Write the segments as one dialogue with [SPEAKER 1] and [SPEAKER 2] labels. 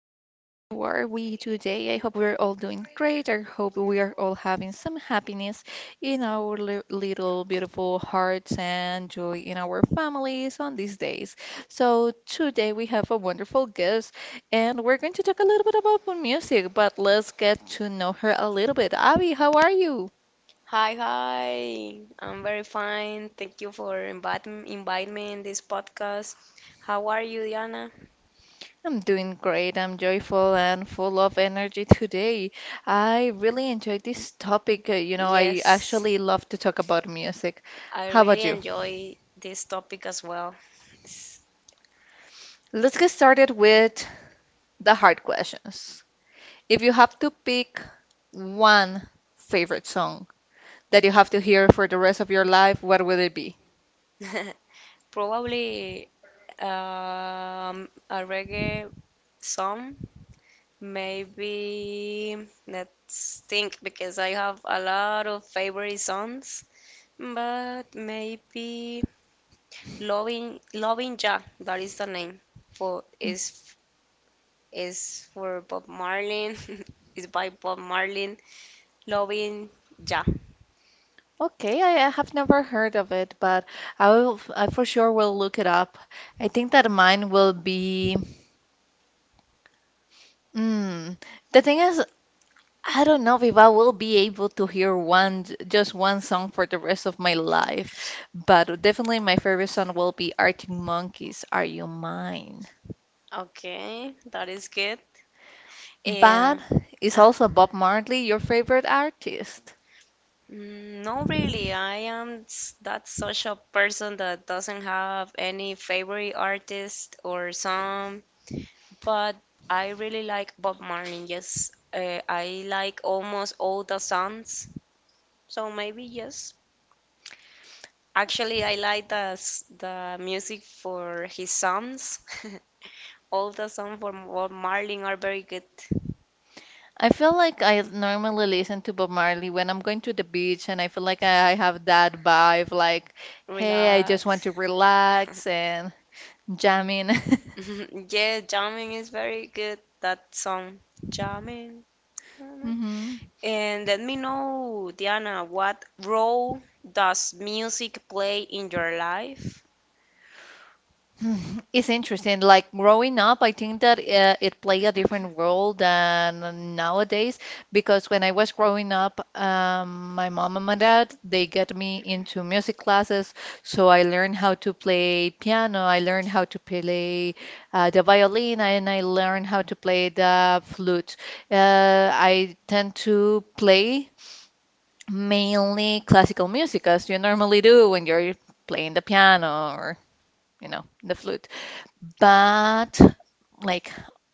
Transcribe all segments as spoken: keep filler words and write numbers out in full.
[SPEAKER 1] are we today? I hope we're all doing great. I hope we are all having some happiness in our li- little beautiful hearts and joy in our families on these days. So, today we have a wonderful guest, and we're going to talk a little bit about music, but let's get to know her a little bit. Abby, how are you?
[SPEAKER 2] Hi, hi. I'm very fine. Thank you for inviting inviting me in this podcast. How are you, Diana?
[SPEAKER 1] I'm doing great. I'm joyful and full of energy today. I really enjoyed this topic. Uh, You know, I
[SPEAKER 2] Yes,
[SPEAKER 1] actually love to talk about music.
[SPEAKER 2] I
[SPEAKER 1] How about
[SPEAKER 2] really
[SPEAKER 1] you?
[SPEAKER 2] enjoy this topic as well. It's
[SPEAKER 1] Let's get started with the hard questions. If you have to pick one favorite song that you have to hear for the rest of your life, what would it be?
[SPEAKER 2] probably um, a reggae song. Maybe let's think because I have a lot of favorite songs, but maybe Loving, loving, ja. That is the name for
[SPEAKER 1] Mm.
[SPEAKER 2] is is for Bob Marlin. Is by Bob Marlin. Loving ja.
[SPEAKER 1] Okay, I, I have never heard of it, but I will, I for sure will look it up. I think that mine will be. Mm, the thing is, I don't know if I will be able to hear one just one song for the rest of my life, but definitely my favorite song will be Arctic Monkeys, Are You Mine?
[SPEAKER 2] Okay, that is good.
[SPEAKER 1] But
[SPEAKER 2] And
[SPEAKER 1] it's also Bob Marley your favorite artist?
[SPEAKER 2] mm, no, really, I am s- that social person that doesn't have any favorite artist or song, but I really like Bob Marlin. Yes, uh, I like almost all the songs. So maybe yes. Actually, I like the s- the music for his songs. All the songs from Bob Marley are very good.
[SPEAKER 1] I feel like I normally listen to Bob Marley when I'm going to the beach and I feel like I I have that vibe like, hey, I just want to
[SPEAKER 2] Relax.
[SPEAKER 1] relax and jamming.
[SPEAKER 2] Yeah, jamming is very good. That song, jamming.
[SPEAKER 1] Hmm.
[SPEAKER 2] And let me know, Diana, what role does music play in your life?
[SPEAKER 1] It's interesting. Like growing up, I think that uh, it played a different role than nowadays because when I was growing up, um, my mom and my dad, they get me into music classes. So I learned how to play piano, I learned how to play uh, the violin, and I learned how to play the flute. Uh, I tend to play mainly classical music as you normally do when you're playing the piano or, you know, the flute. But like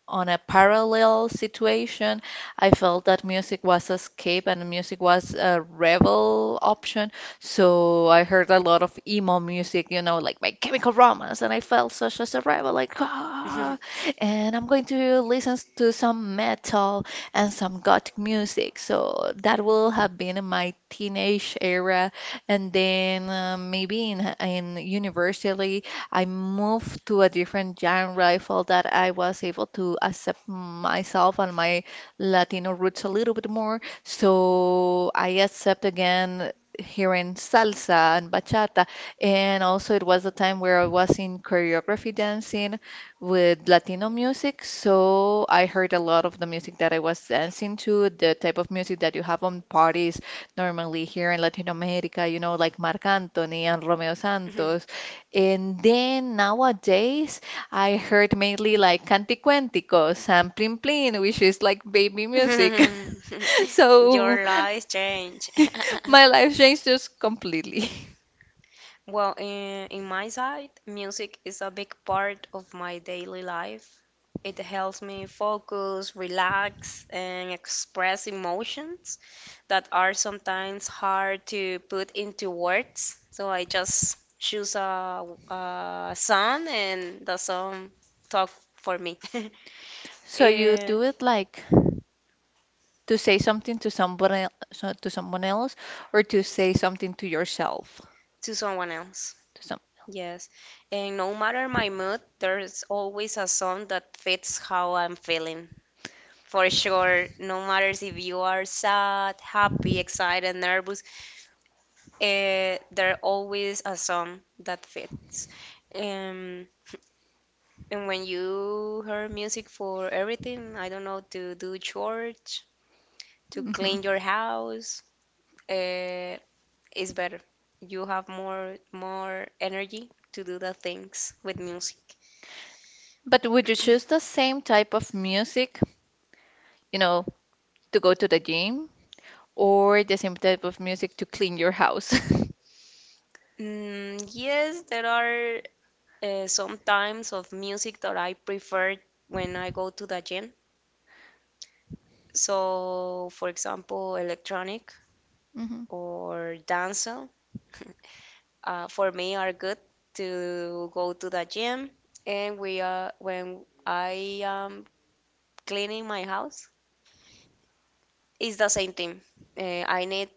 [SPEAKER 1] on a parallel situation, I felt that music was escape and music was a rebel option. So I heard a lot of emo music, you know, like My Chemical Romance, and I felt such as a rebel, like ah. And I'm going to listen to some metal and some gothic music. So that will have been in my teenage era, and then uh, maybe in in university. I moved to a different genre. I felt that I was able to accept myself and my Latino roots a little bit more. So I accept again hearing salsa and bachata. And also, it was a time where I was in choreography dancing with Latino music. So I heard a lot of the music that I was dancing to, the type of music that you have on parties normally here in Latin America, you know, like Marc Anthony and Romeo Santos, and then nowadays, I heard mainly like Canticuéntico, San Plin Plin, which is like baby music. So
[SPEAKER 2] Your life change. My
[SPEAKER 1] my life changed just completely.
[SPEAKER 2] well, in, in my side, music is a big part of my daily life. It helps me focus, relax, and express emotions that are sometimes hard to put into words. So I just choose a, a song, and the song talk for me. So
[SPEAKER 1] So you
[SPEAKER 2] eh,
[SPEAKER 1] do it like to say something to someone el- so to someone else or to say something to yourself,
[SPEAKER 2] to someone else.
[SPEAKER 1] to some.
[SPEAKER 2] Yes, and no matter my mood, there's always a song that fits how I'm feeling. For sure, no matter if you are sad, happy, excited, nervous, eh, there always a song that fits. Um, and when you hear music for everything, I don't know, to do chores, to
[SPEAKER 1] Mhm.
[SPEAKER 2] clean your house, uh, it's better. You have more more energy to do the things with music.
[SPEAKER 1] But would you choose the same type of music, you know, to go to the gym or the same type of music to clean your house?
[SPEAKER 2] Mm, yes, there are uh, some times of music that I prefer when I go to the gym. So, for example, electronic
[SPEAKER 1] Mhm.
[SPEAKER 2] or dancehall uh, for me are good to go to the gym. And we are when I am cleaning my house, it's the same thing. Uh, I need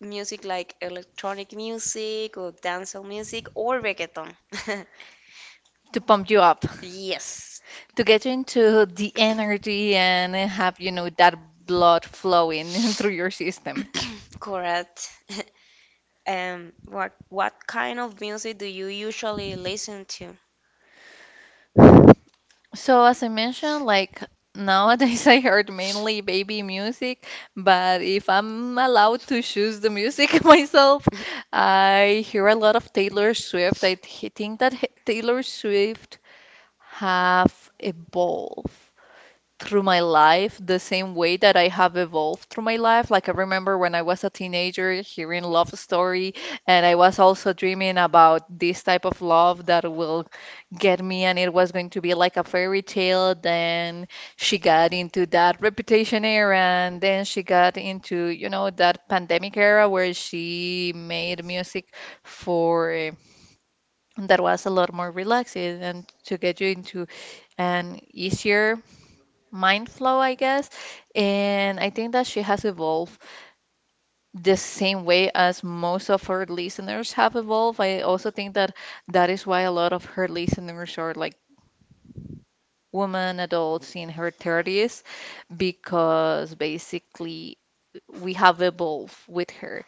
[SPEAKER 2] music like electronic music or dancehall music or reggaeton.
[SPEAKER 1] To pump you up,
[SPEAKER 2] Yes,
[SPEAKER 1] to get you into the energy and have, you know, that blood flowing through your system.
[SPEAKER 2] correct. Um, what what kind of music do you usually listen to?
[SPEAKER 1] So, as I mentioned, like nowadays I heard mainly baby music, but if I'm allowed to choose the music myself, I hear a lot of Taylor Swift. I th- think that he- Taylor Swift have evolved through my life the same way that I have evolved through my life. Like I remember when I was a teenager hearing love story, and I was also dreaming about this type of love that will get me, and it was going to be like a fairy tale. Then she got into that reputation era, and then she got into, you know, that pandemic era where she made music for eh, that was a lot more relaxing and to get you into an easier mind flow, I guess. And I think that she has evolved the same way as most of her listeners have evolved. I also think that that is why a lot of her listeners are like women, adults in her thirties, because basically we have evolved with her.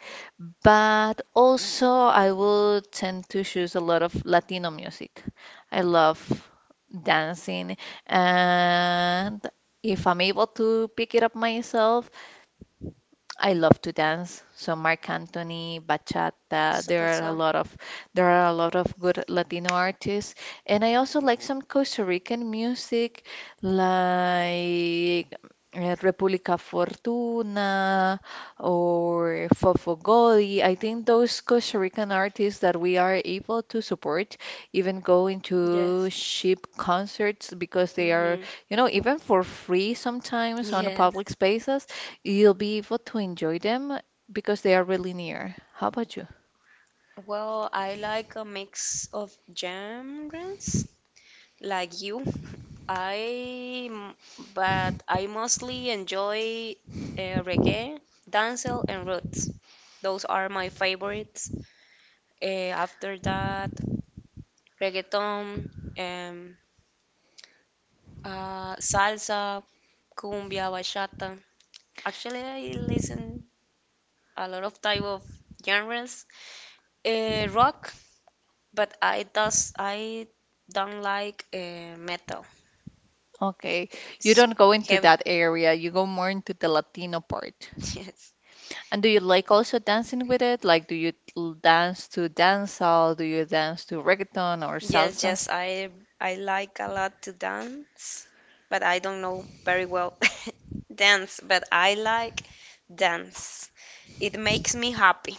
[SPEAKER 1] But also, I will tend to choose a lot of Latino music. I love dancing, and if I'm able to pick it up myself, I love to dance, so Marc Anthony, bachata. There are
[SPEAKER 2] Salsa.
[SPEAKER 1] a lot of there are a lot of good Latino artists, and I also like some Costa Rican music, like eh, República Fortuna or Fofo Godoy. I think those Costa Rican artists that we are able to support, even go into
[SPEAKER 2] Yes.
[SPEAKER 1] cheap concerts because they are,
[SPEAKER 2] Hmm.
[SPEAKER 1] you know, even for free sometimes on
[SPEAKER 2] Yes.
[SPEAKER 1] public spaces. You'll be able to enjoy them because they are really near. How about you?
[SPEAKER 2] Well, I like a mix of genres, like you. I m- but I mostly enjoy uh, reggae, dancehall, and roots. Those are my favorites. Uh, after that, reggaeton, um, uh, salsa, cumbia, bachata. Actually, I listen a lot of type of genres. Uh, rock, but I does I don't like uh, metal.
[SPEAKER 1] Okay, you don't go
[SPEAKER 2] It's
[SPEAKER 1] into
[SPEAKER 2] heavy.
[SPEAKER 1] that area, you go more into the Latino part.
[SPEAKER 2] Yes.
[SPEAKER 1] And do you like also dancing with it? Like, do you l- dance to dancehall? Do you dance to reggaeton or
[SPEAKER 2] Yes, salsa?
[SPEAKER 1] salsa?
[SPEAKER 2] Yes, I I like a lot to dance, but I don't know very well dance, but I like dance. It makes me happy,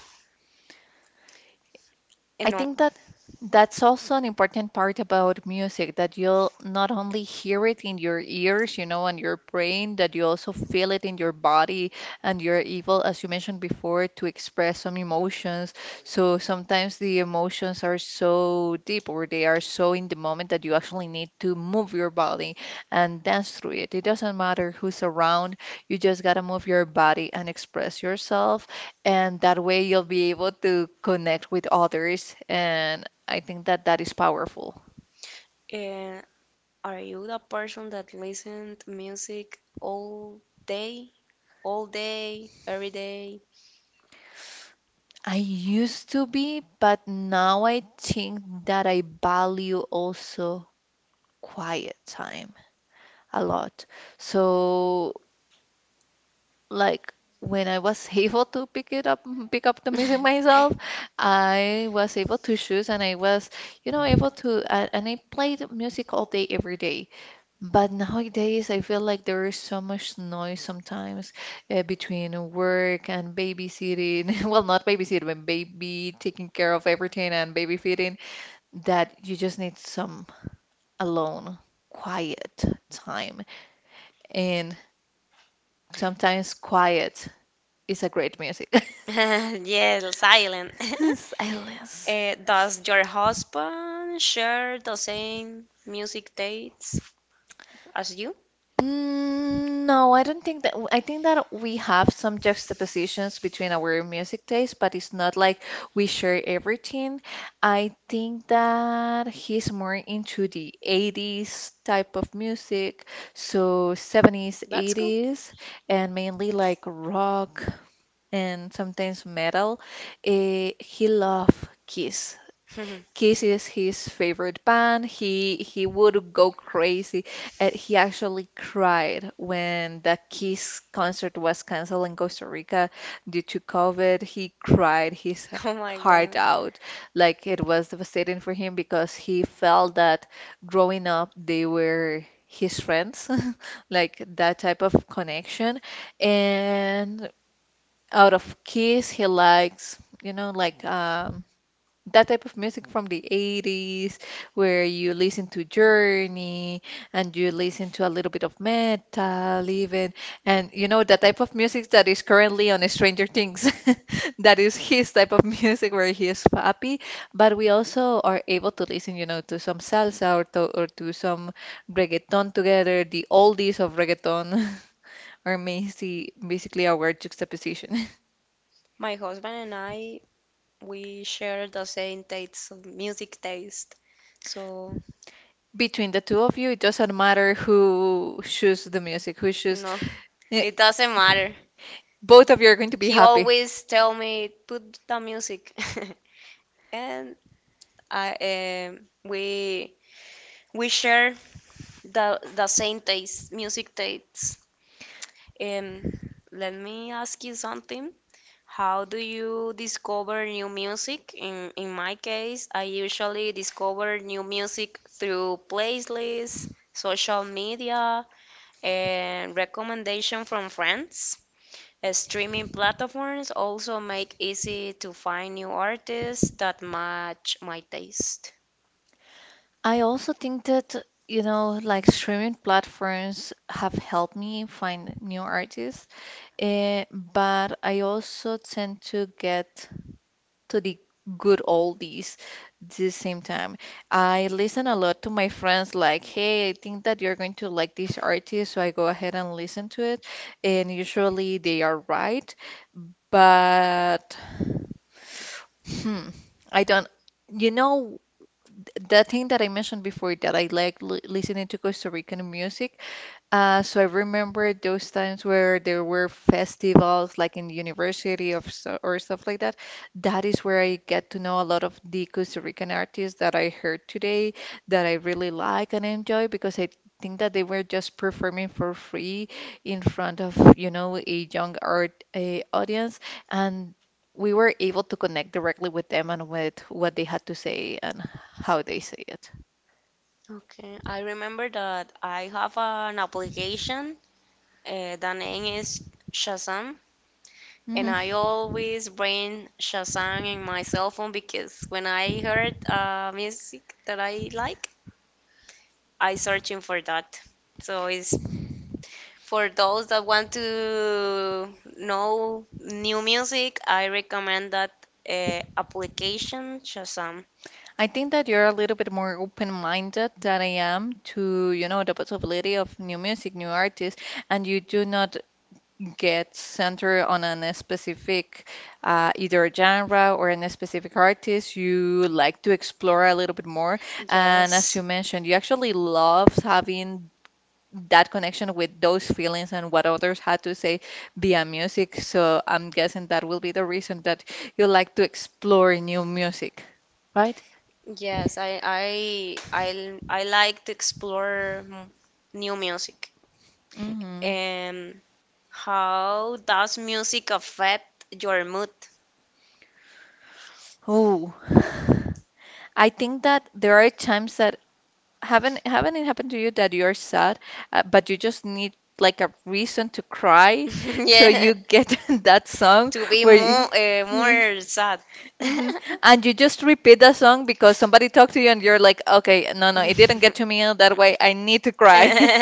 [SPEAKER 2] you
[SPEAKER 1] I
[SPEAKER 2] know.
[SPEAKER 1] think that that's also an important part about music that you'll not only hear it in your ears, you know, and your brain, that you also feel it in your body and you're able, as you mentioned before, to express some emotions. So sometimes the emotions are so deep or they are so in the moment that you actually need to move your body and dance through it. It doesn't matter who's around, you just gotta move your body and express yourself, and that way you'll be able to connect with others. And I think that that is powerful.
[SPEAKER 2] Uh, are you the person that listen to music all day, all day, every day?
[SPEAKER 1] I used to be, but now I think that I value also quiet time a lot. So, like when I was able to pick it up, pick up the music myself, I was able to choose, and I was, you know, able to, uh, and I played music all day, every day. But nowadays, I feel like there is so much noise sometimes uh, between work and babysitting. Well, not babysitting, but baby taking care of everything and baby feeding, that you just need some alone, quiet time. And sometimes quiet is a great music.
[SPEAKER 2] Yeah, silent.
[SPEAKER 1] Silence.
[SPEAKER 2] Uh, does your husband share the same music tastes as you?
[SPEAKER 1] Mm, no, I don't think that. I think that we have some juxtapositions between our music tastes, but it's not like we share everything. I think that he's more into the eighties type of music, so seventies,
[SPEAKER 2] That's cool.
[SPEAKER 1] eighties, and mainly like rock and sometimes metal. Eh, he love Kiss. Kiss is his favorite band. He he would go crazy, and he actually cried when the Kiss concert was canceled in Costa Rica due to COVID. He cried his
[SPEAKER 2] Oh my
[SPEAKER 1] heart
[SPEAKER 2] god.
[SPEAKER 1] out, like it was devastating for him because he felt that growing up they were his friends, like that type of connection. And out of Kiss, he likes, you know, like um that type of music from the eighties where you listen to Journey and you listen to a little bit of metal even, and you know the type of music that is currently on Stranger Things that is his type of music where he is happy, but we also are able to listen, you know, to some salsa or to, or to some reggaeton together, the oldies of reggaeton. are basically basically our juxtaposition.
[SPEAKER 2] My husband and I, we share the same taste of music taste. So,
[SPEAKER 1] Between the two of you, it doesn't matter who chooses the music, who chooses.
[SPEAKER 2] no,
[SPEAKER 1] Eh,
[SPEAKER 2] it doesn't matter.
[SPEAKER 1] both of you are going to be
[SPEAKER 2] He
[SPEAKER 1] happy.
[SPEAKER 2] always tell me put the music. And I um, we we share the the same taste, music tastes. Um, Let me ask you something. How do you discover new music? In in my case, I usually discover new music through playlists, social media, and recommendation from friends. Uh, Streaming platforms also make easy to find new artists that match my taste.
[SPEAKER 1] I also think that, you know, like streaming platforms have helped me find new artists, eh, but I also tend to get to the good oldies the same time. I listen a lot to my friends, like, hey, I think that you're going to like this artist, so I go ahead and listen to it, and usually they are right, but hmm, I don't. You know the thing that I mentioned before that I like li listening to Costa Rican music, uh, so I remember those times where there were festivals, like in university of so, or stuff like that. That is where I get to know a lot of the Costa Rican artists that I heard today that I really like and enjoy because I think that they were just performing for free in front of, you know, a young art uh, audience, and we were able to connect directly with them and with what they had to say and how they say it.
[SPEAKER 2] Okay, I remember that I have an application. Uh, the name is Shazam. And
[SPEAKER 1] Hmm.
[SPEAKER 2] I always bring Shazam in my cell phone because when I heard uh, music that I like, I searching for that. So it's for those that want to know new music, I recommend that uh, application Shazam.
[SPEAKER 1] I think that you're a little bit more open-minded than I am to, you know, the possibility of new music, new artists, and you do not get centered on a specific uh, either genre or a specific artist. You like to explore a little bit more, and as
[SPEAKER 2] Yes,
[SPEAKER 1] you mentioned, you actually love having that connection with those feelings and what others had to say via music. So I'm guessing that will be the reason that you like to explore new music, right?
[SPEAKER 2] yes, I I I I like to explore m- new music.
[SPEAKER 1] Mm-hmm.
[SPEAKER 2] And how does music affect your mood?
[SPEAKER 1] Oh, I think that there are times that haven't haven't it happened to you that you're sad, uh, but you just need like a reason to cry, so
[SPEAKER 2] Yeah,
[SPEAKER 1] you get that song
[SPEAKER 2] to be
[SPEAKER 1] where
[SPEAKER 2] more
[SPEAKER 1] you.
[SPEAKER 2] uh, more sad.
[SPEAKER 1] Hmm. And you just repeat the song because somebody talked to you and you're like, okay, no, no, it didn't get to me that way. I need to cry.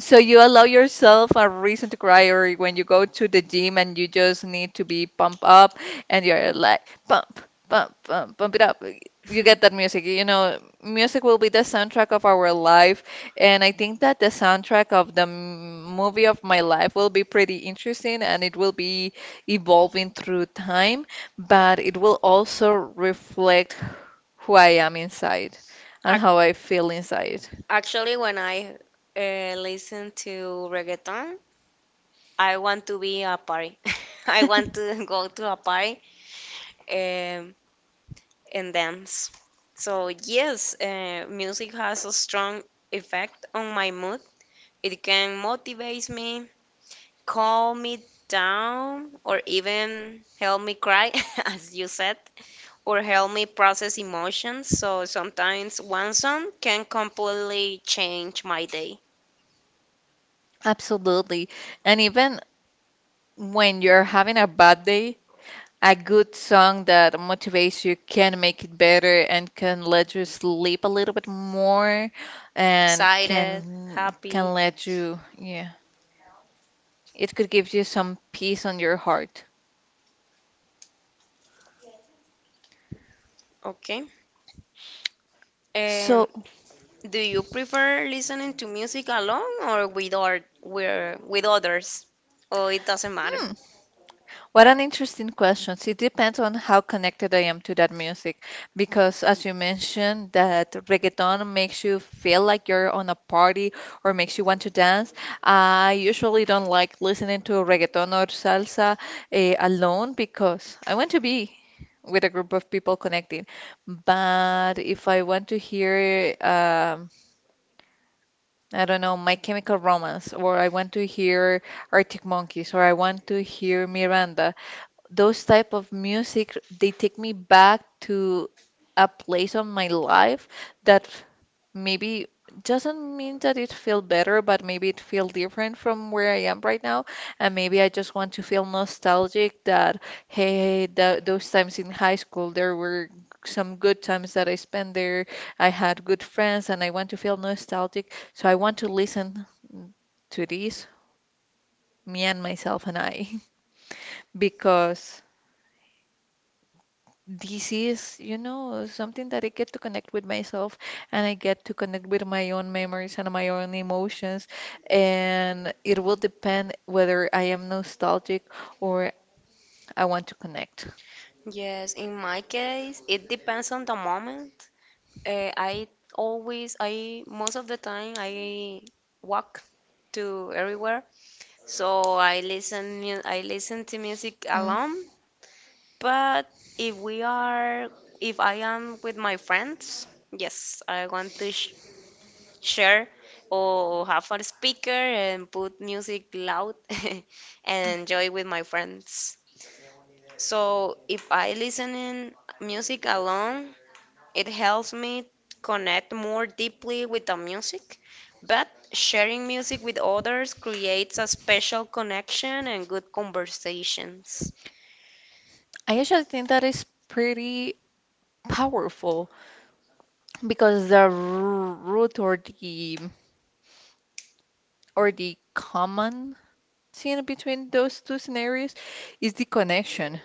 [SPEAKER 1] So you allow yourself a reason to cry, or when you go to the gym and you just need to be pumped up, and you're like pump, pump, pump, pump it up. You get that music. You know, music will be the soundtrack of our life, and I think that the soundtrack of the m- movie of my life will be pretty interesting, and it will be evolving through time, but it will also reflect who I am inside and how I
[SPEAKER 2] Ac-
[SPEAKER 1] feel inside.
[SPEAKER 2] Actually, when I uh, listen to reggaeton, I want to be a party. I want to go to a party um, and dance. So yes, uh, music has a strong effect on my mood. It can motivate me calm me down or even help me cry, as you said, or help me process emotions. So sometimes one song can completely change my day.
[SPEAKER 1] Absolutely. And even when you're having a bad day, a good song that motivates you can make it better and can let you sleep a little bit more and
[SPEAKER 2] Excited,
[SPEAKER 1] can can
[SPEAKER 2] happy.
[SPEAKER 1] let you, yeah, it could give you some peace on your heart.
[SPEAKER 2] Okay. Um,
[SPEAKER 1] So,
[SPEAKER 2] do you prefer listening to music alone or with or where with others? Or it doesn't matter?
[SPEAKER 1] hmm. What an interesting question. It depends on how connected I am to that music, because as you mentioned, that reggaeton makes you feel like you're on a party or makes you want to dance. I usually don't like listening to reggaeton or salsa eh, alone because I want to be with a group of people connected. But if I want to hear, um, I don't know, My Chemical Romance, or I want to hear Arctic Monkeys, or I want to hear Miranda, those type of music they take me back to a place of my life that maybe doesn't mean that it feel better, but maybe it feel different from where I am right now. And maybe I just want to feel nostalgic that hey, hey, tho- those times in high school there were some good times that I spent there. I had good friends, and I want to feel nostalgic. So I want to listen to this, me and myself and I, because this is, you know, something that I get to connect with myself and I get to connect with my own memories and my own emotions. And it will depend whether I am nostalgic or I want to connect.
[SPEAKER 2] Yes, in my case, it depends on the moment. Uh, I always, I most of the time I walk to everywhere, so I listen, mu- I listen to music
[SPEAKER 1] Mm.
[SPEAKER 2] alone. But if we are, if I am with my friends, yes, I want to sh share or have a speaker and put music loud and enjoy with my friends. So if I listen in music alone, it helps me connect more deeply with the music, but sharing music with others creates a special connection and good conversations.
[SPEAKER 1] I actually think that is pretty powerful because the r- root or the or the common scene between those two scenarios is the connection.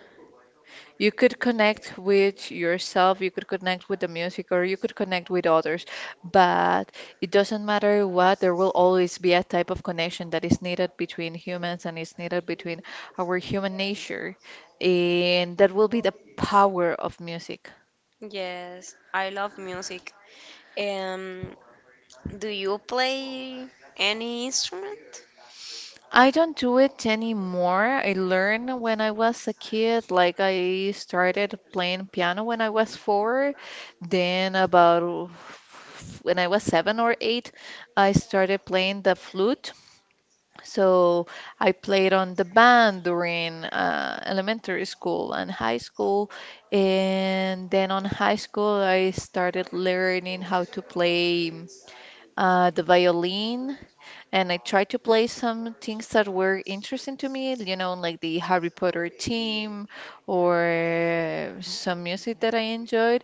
[SPEAKER 1] You could connect with yourself, you could connect with the music, or you could connect with others. But it doesn't matter what, there will always be a type of connection that is needed between humans and is needed between our human nature. And that will be the power of music.
[SPEAKER 2] Yes, I love music. Um, do you play any instrument?
[SPEAKER 1] I don't do it anymore. I learned when I was a kid, like I started playing piano when I was four. Then about oh, when I was seven or eight, I started playing the flute. So I played on the band during uh, elementary school and high school. And then on high school, I started learning how to play uh, the violin and I tried to play some things that were interesting to me, you know, like the Harry Potter theme or some music that I enjoyed,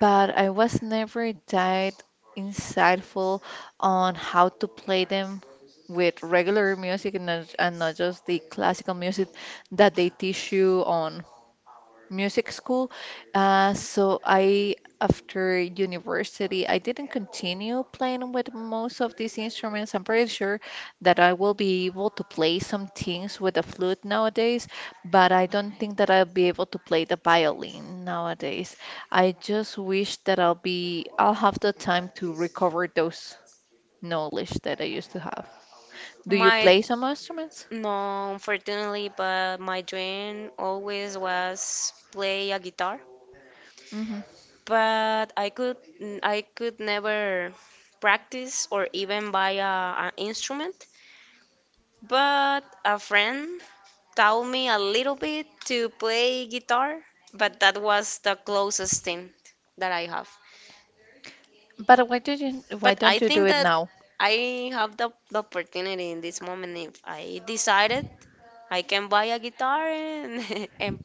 [SPEAKER 1] but I was never that insightful on how to play them with regular music and not, and not just the classical music that they teach you on music school. Uh, so I, after university, I didn't continue playing with most of these instruments. I'm pretty sure that I will be able to play some things with the flute nowadays, but I don't think that I'll be able to play the violin nowadays. I just wish that I'll be, I'll have the time to recover those knowledge that I used to have. Do you
[SPEAKER 2] My
[SPEAKER 1] play some instruments?
[SPEAKER 2] no, unfortunately, but my dream always was play a guitar.
[SPEAKER 1] Hmm.
[SPEAKER 2] But I could I could never practice or even buy a, an instrument. But a friend taught me a little bit to play guitar, but that was the closest thing that I have.
[SPEAKER 1] But why did you, why
[SPEAKER 2] But
[SPEAKER 1] don't
[SPEAKER 2] I
[SPEAKER 1] you do
[SPEAKER 2] think
[SPEAKER 1] it
[SPEAKER 2] that
[SPEAKER 1] now?
[SPEAKER 2] I have the, the opportunity in this moment. If I decided, I can buy a guitar and, and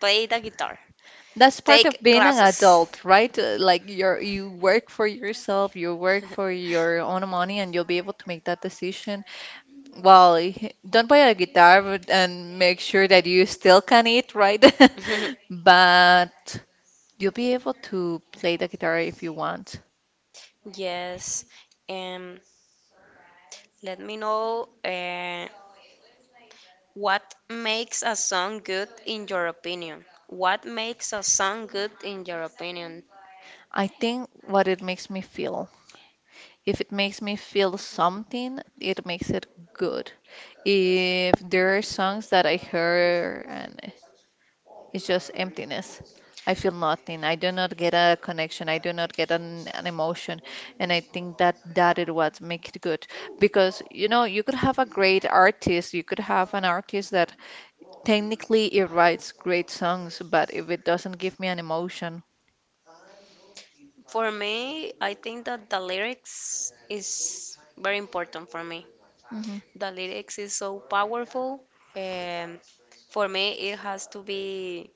[SPEAKER 2] play the guitar,
[SPEAKER 1] That's part of
[SPEAKER 2] take
[SPEAKER 1] being an adult,
[SPEAKER 2] classes.
[SPEAKER 1] right? Uh, Like you're you work for yourself, you work for your own money, and you'll be able to make that decision. Well, y- don't buy a guitar but- and make sure that you still can eat, right? But you'll be able to play the guitar if you want.
[SPEAKER 2] Yes, um, let me know uh, what makes a song good in your opinion. What makes a song good in your opinion?
[SPEAKER 1] I think what it makes me feel. If it makes me feel something, it makes it good. If there are songs that I heard and it's just emptiness. I feel nothing. I do not get a connection. I do not get an, an emotion. And I think that that is what makes it good. Because, you know, you could have a great artist. You could have an artist that technically it writes great songs, but if it doesn't give me an emotion,
[SPEAKER 2] For me, I think that the lyrics is very important for me.
[SPEAKER 1] hmm.
[SPEAKER 2] The lyrics is so powerful. Um, for me, it has to be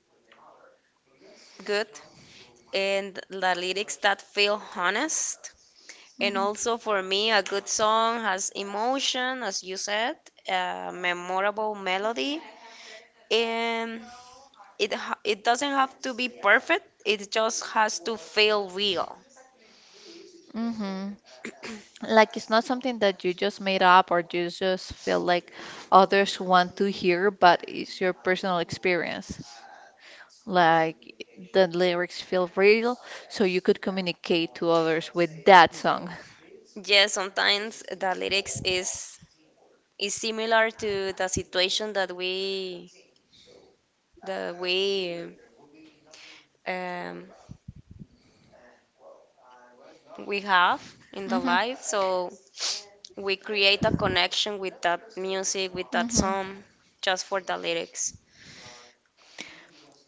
[SPEAKER 2] good and the lyrics that feel honest. And
[SPEAKER 1] Hmm.
[SPEAKER 2] also for me, a good song has emotion, as you said, a memorable melody, and it ha- it doesn't have to be perfect. It just has to feel real.
[SPEAKER 1] Hmm. Like it's not something that you just made up or you just feel like others want to hear, but it's your personal experience. Like the lyrics feel real, so you could communicate to others with that song.
[SPEAKER 2] Yes, sometimes the lyrics is is similar to the situation that we that we um, we have in the
[SPEAKER 1] Hmm.
[SPEAKER 2] life. So we create a connection with that music, with that
[SPEAKER 1] Hmm.
[SPEAKER 2] song, just for the lyrics.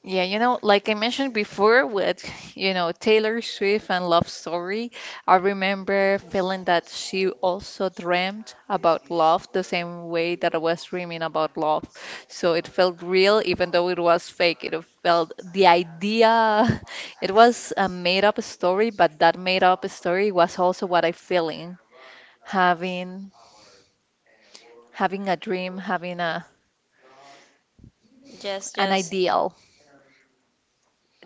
[SPEAKER 1] Yeah, you know, like I mentioned before with, you know, Taylor Swift and Love Story, I remember feeling that she also dreamt about love the same way that I was dreaming about love. So it felt real, even though it was fake. It felt the idea, it was a made up story, but that made up story was also what I feeling having having a dream, having a
[SPEAKER 2] Yes,
[SPEAKER 1] an
[SPEAKER 2] yes.
[SPEAKER 1] ideal.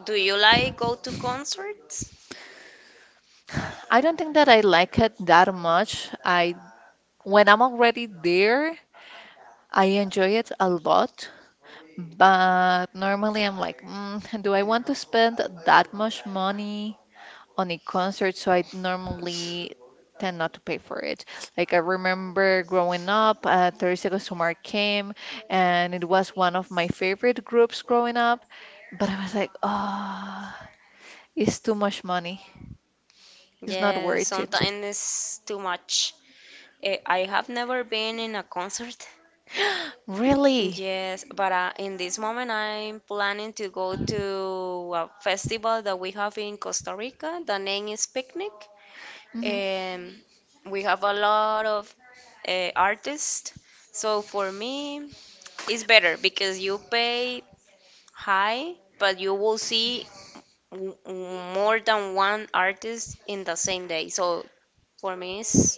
[SPEAKER 2] Do you like go to concerts?
[SPEAKER 1] I don't think that I like it that much. I When I'm already there, I enjoy it a lot. But normally I'm like, mm, do I want to spend that much money on a concert? So I normally tend not to pay for it. Like I remember growing up, uh, thirty Seconds to Mars came, and it was one of my favorite groups growing up. But I was like, oh, it's too much money. It's not
[SPEAKER 2] Yes,
[SPEAKER 1] worth it.
[SPEAKER 2] sometimes it's too much. Eh, I have never been in a concert.
[SPEAKER 1] Really?
[SPEAKER 2] Yes, but uh, in this moment I'm planning to go to a festival that we have in Costa Rica. The name is Picnic.
[SPEAKER 1] Hmm.
[SPEAKER 2] Um, we have a lot of uh, artists. So for me, it's better because you pay high, but you will see m- more than one artist in the same day. So for me, it's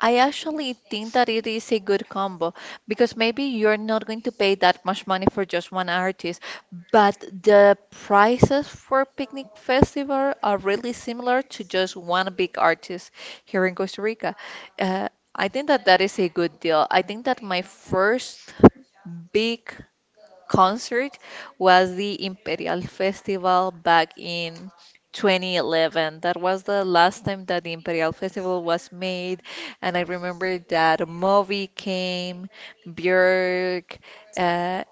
[SPEAKER 1] I actually think that it is a good combo because maybe you're not going to pay that much money for just one artist, but the prices for Picnic Festival are really similar to just one big artist here in Costa Rica. Uh, I think that that is a good deal. I think that my first big concert was the Imperial Festival back in twenty eleven. That was the last time that the Imperial Festival was made, and I remember that Moby came, Björk, uh,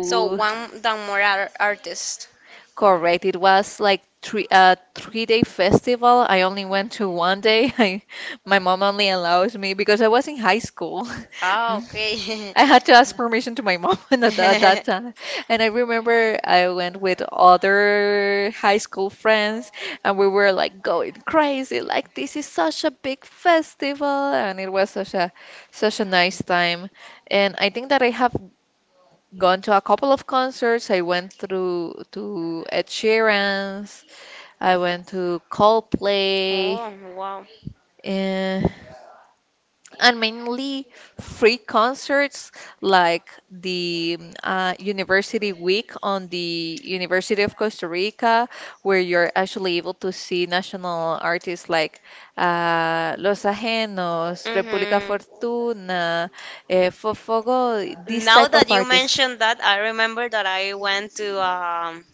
[SPEAKER 2] so one than more ar- artist.
[SPEAKER 1] Correct. It was like three a three day festival. I only went to one day. I, my mom only allows me because I was in high school.
[SPEAKER 2] Ah, okay.
[SPEAKER 1] I had to ask permission to my mom at, at that time. And I remember I went with other high school friends and we were like going crazy, like this is such a big festival and it was such a such a nice time. And I think that I have gone to a couple of concerts. I went through to Ed Sheeran's, I went to Coldplay,
[SPEAKER 2] Oh, wow.
[SPEAKER 1] and and mainly free concerts like the uh, University Week on the University of Costa Rica, where you're actually able to see national artists like uh, Los Ajenos, República
[SPEAKER 2] Mm-hmm.
[SPEAKER 1] Fortuna, uh, Fofogo, these
[SPEAKER 2] Now
[SPEAKER 1] type of
[SPEAKER 2] that you
[SPEAKER 1] artists.
[SPEAKER 2] mentioned that, I remember that I went to um,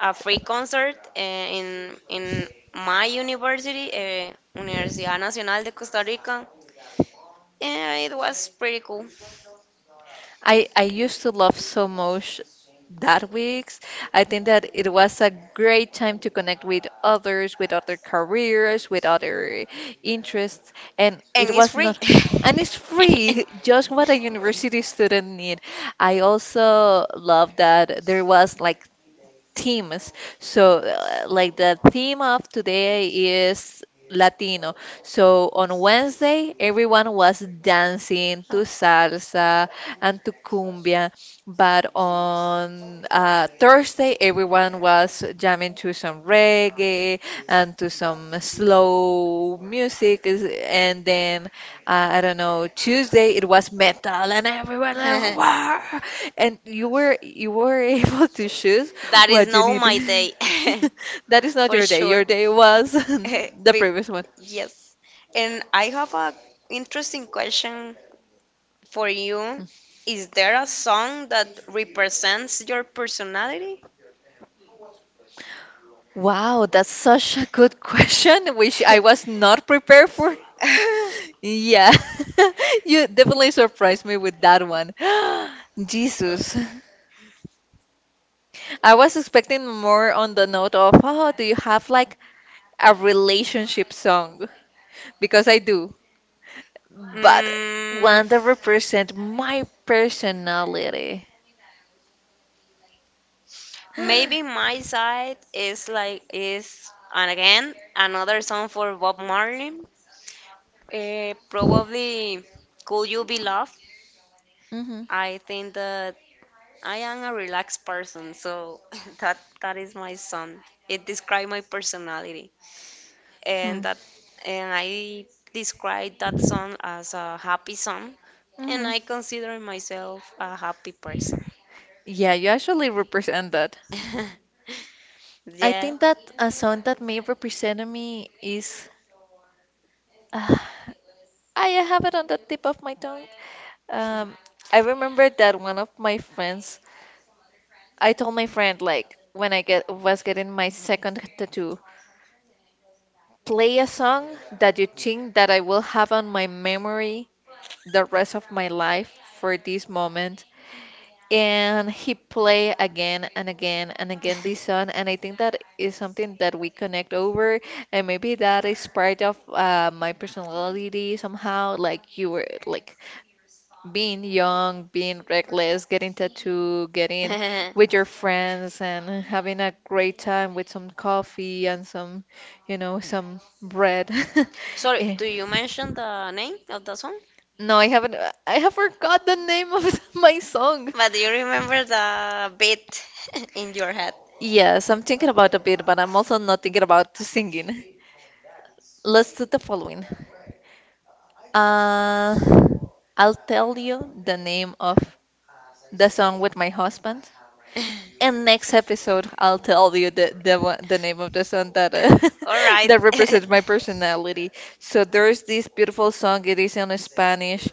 [SPEAKER 2] a free concert uh, in in my university, uh, Universidad Nacional de Costa Rica. Yeah, it was pretty cool,
[SPEAKER 1] I I used to love so much that weeks. I think that it was a great time to connect with others, with other careers, with other interests, and
[SPEAKER 2] and
[SPEAKER 1] it
[SPEAKER 2] it's
[SPEAKER 1] was
[SPEAKER 2] free.
[SPEAKER 1] not, and it's free, just what a university student need. I also love that there was like themes. So, uh, like the theme of today is Latino. So, on Wednesday, everyone was dancing to
[SPEAKER 2] Oh.
[SPEAKER 1] salsa and to cumbia. But on uh, Thursday, everyone was jamming to some reggae and to some slow music. is- And then,
[SPEAKER 2] I
[SPEAKER 1] uh, I don't know, Tuesday, it was metal and everyone, like,
[SPEAKER 2] uh,
[SPEAKER 1] wow! And you were you were able to choose
[SPEAKER 2] that is
[SPEAKER 1] what you
[SPEAKER 2] no
[SPEAKER 1] need?
[SPEAKER 2] my day that's
[SPEAKER 1] That is not
[SPEAKER 2] for
[SPEAKER 1] your day.
[SPEAKER 2] sure.
[SPEAKER 1] Your day was
[SPEAKER 2] Day.
[SPEAKER 1] the
[SPEAKER 2] We-
[SPEAKER 1] previous one.
[SPEAKER 2] yes. And I have a interesting question for you. Is there a song that represents your personality?
[SPEAKER 1] Wow, that's such a good question, which I was not prepared for. Yeah, you definitely surprised me with that one. Jesus. I was expecting more on the note of, oh, do you have like a relationship song? Because I do, but
[SPEAKER 2] Mm,
[SPEAKER 1] one that represent my personality.
[SPEAKER 2] maybe my side is like is and again another song for Bob Marley. Uh, probably Could You Be Love? I think that I am a relaxed person, so that that is my song. It describes my personality, and that and I describe that song as a happy song, and
[SPEAKER 1] Mm-hmm.
[SPEAKER 2] I consider myself a happy person.
[SPEAKER 1] Yeah, you actually represent that. I
[SPEAKER 2] Yeah.
[SPEAKER 1] think that a song that may represent me is uh, I have it on the tip of my tongue. Um, I remember that one of my friends, I told my friend like when I get was getting my second tattoo, play a song that you think that I will have on my memory the rest of my life for this moment. And he play again and again and again this song, and I think that is something that we connect over, and maybe that is part of uh, my personality somehow, like you were like being young, being reckless, getting tattoo, getting with your friends, and having a great time with some coffee and some, you know, some bread.
[SPEAKER 2] Sorry,
[SPEAKER 1] Eh,
[SPEAKER 2] do you mention the name of the song?
[SPEAKER 1] no, I haven't I have forgot the name of my song.
[SPEAKER 2] But do you remember the beat in your head?
[SPEAKER 1] Yes, I'm thinking about a bit, but I'm also not thinking about singing. Let's do the following. Uh, I'll tell you the name of the song with my husband, and next episode I'll tell you the the, one- the name of the song that uh,
[SPEAKER 2] All right.
[SPEAKER 1] that represents my personality. So there's this beautiful song. It is in Spanish,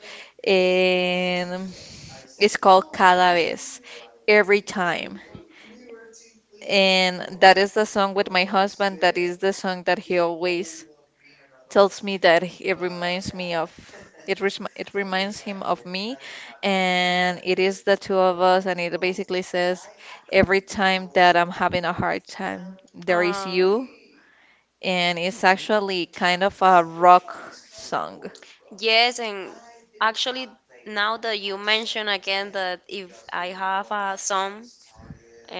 [SPEAKER 1] and it's called Cada vez, every time. And that is the song with my husband. That is the song that he always tells me that it reminds me of it res it reminds him of me, and it is the two of us, and it basically says every time that I'm having a hard time there is
[SPEAKER 2] Um,
[SPEAKER 1] you, and it's actually kind of a rock song.
[SPEAKER 2] Yes, and actually, now that you mention again that if I have a son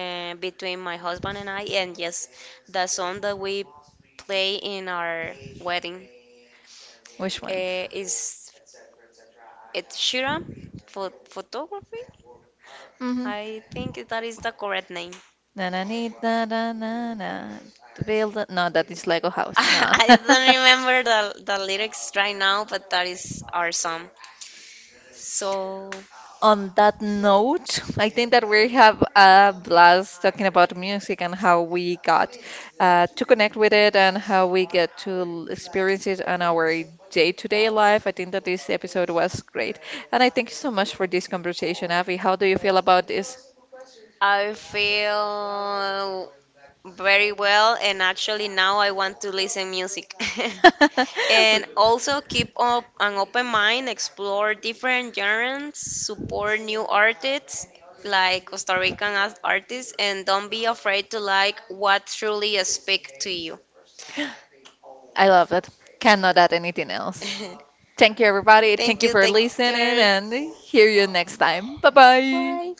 [SPEAKER 2] uh, between my husband and I, and yes, the song that we play in our wedding
[SPEAKER 1] Which one?
[SPEAKER 2] uh, is it's Shira for photography.
[SPEAKER 1] Mm-hmm.
[SPEAKER 2] I think that is the correct name.
[SPEAKER 1] Na na need na na na na to build a- no that is Lego House. Nah.
[SPEAKER 2] I don't remember the, the lyrics right now, but that is our song. So
[SPEAKER 1] On that note, I think that we have a blast talking about music and how we got uh, to connect with it and how we get to l- experience it on our day-to-day life. I think that this episode was great. And I thank you so much for this conversation, Avi. How do you feel about this?
[SPEAKER 2] I feel very well, and actually now I want to listen music. And also keep up an open mind, explore different genres, support new artists like Costa Rican as- artists, and don't be afraid to like what truly speak to you.
[SPEAKER 1] I love it. Cannot add anything else. Thank you, everybody. Thank
[SPEAKER 2] Thank
[SPEAKER 1] you
[SPEAKER 2] you.
[SPEAKER 1] for
[SPEAKER 2] Take
[SPEAKER 1] listening
[SPEAKER 2] care.
[SPEAKER 1] and hear you next time. Bye bye.
[SPEAKER 2] Bye.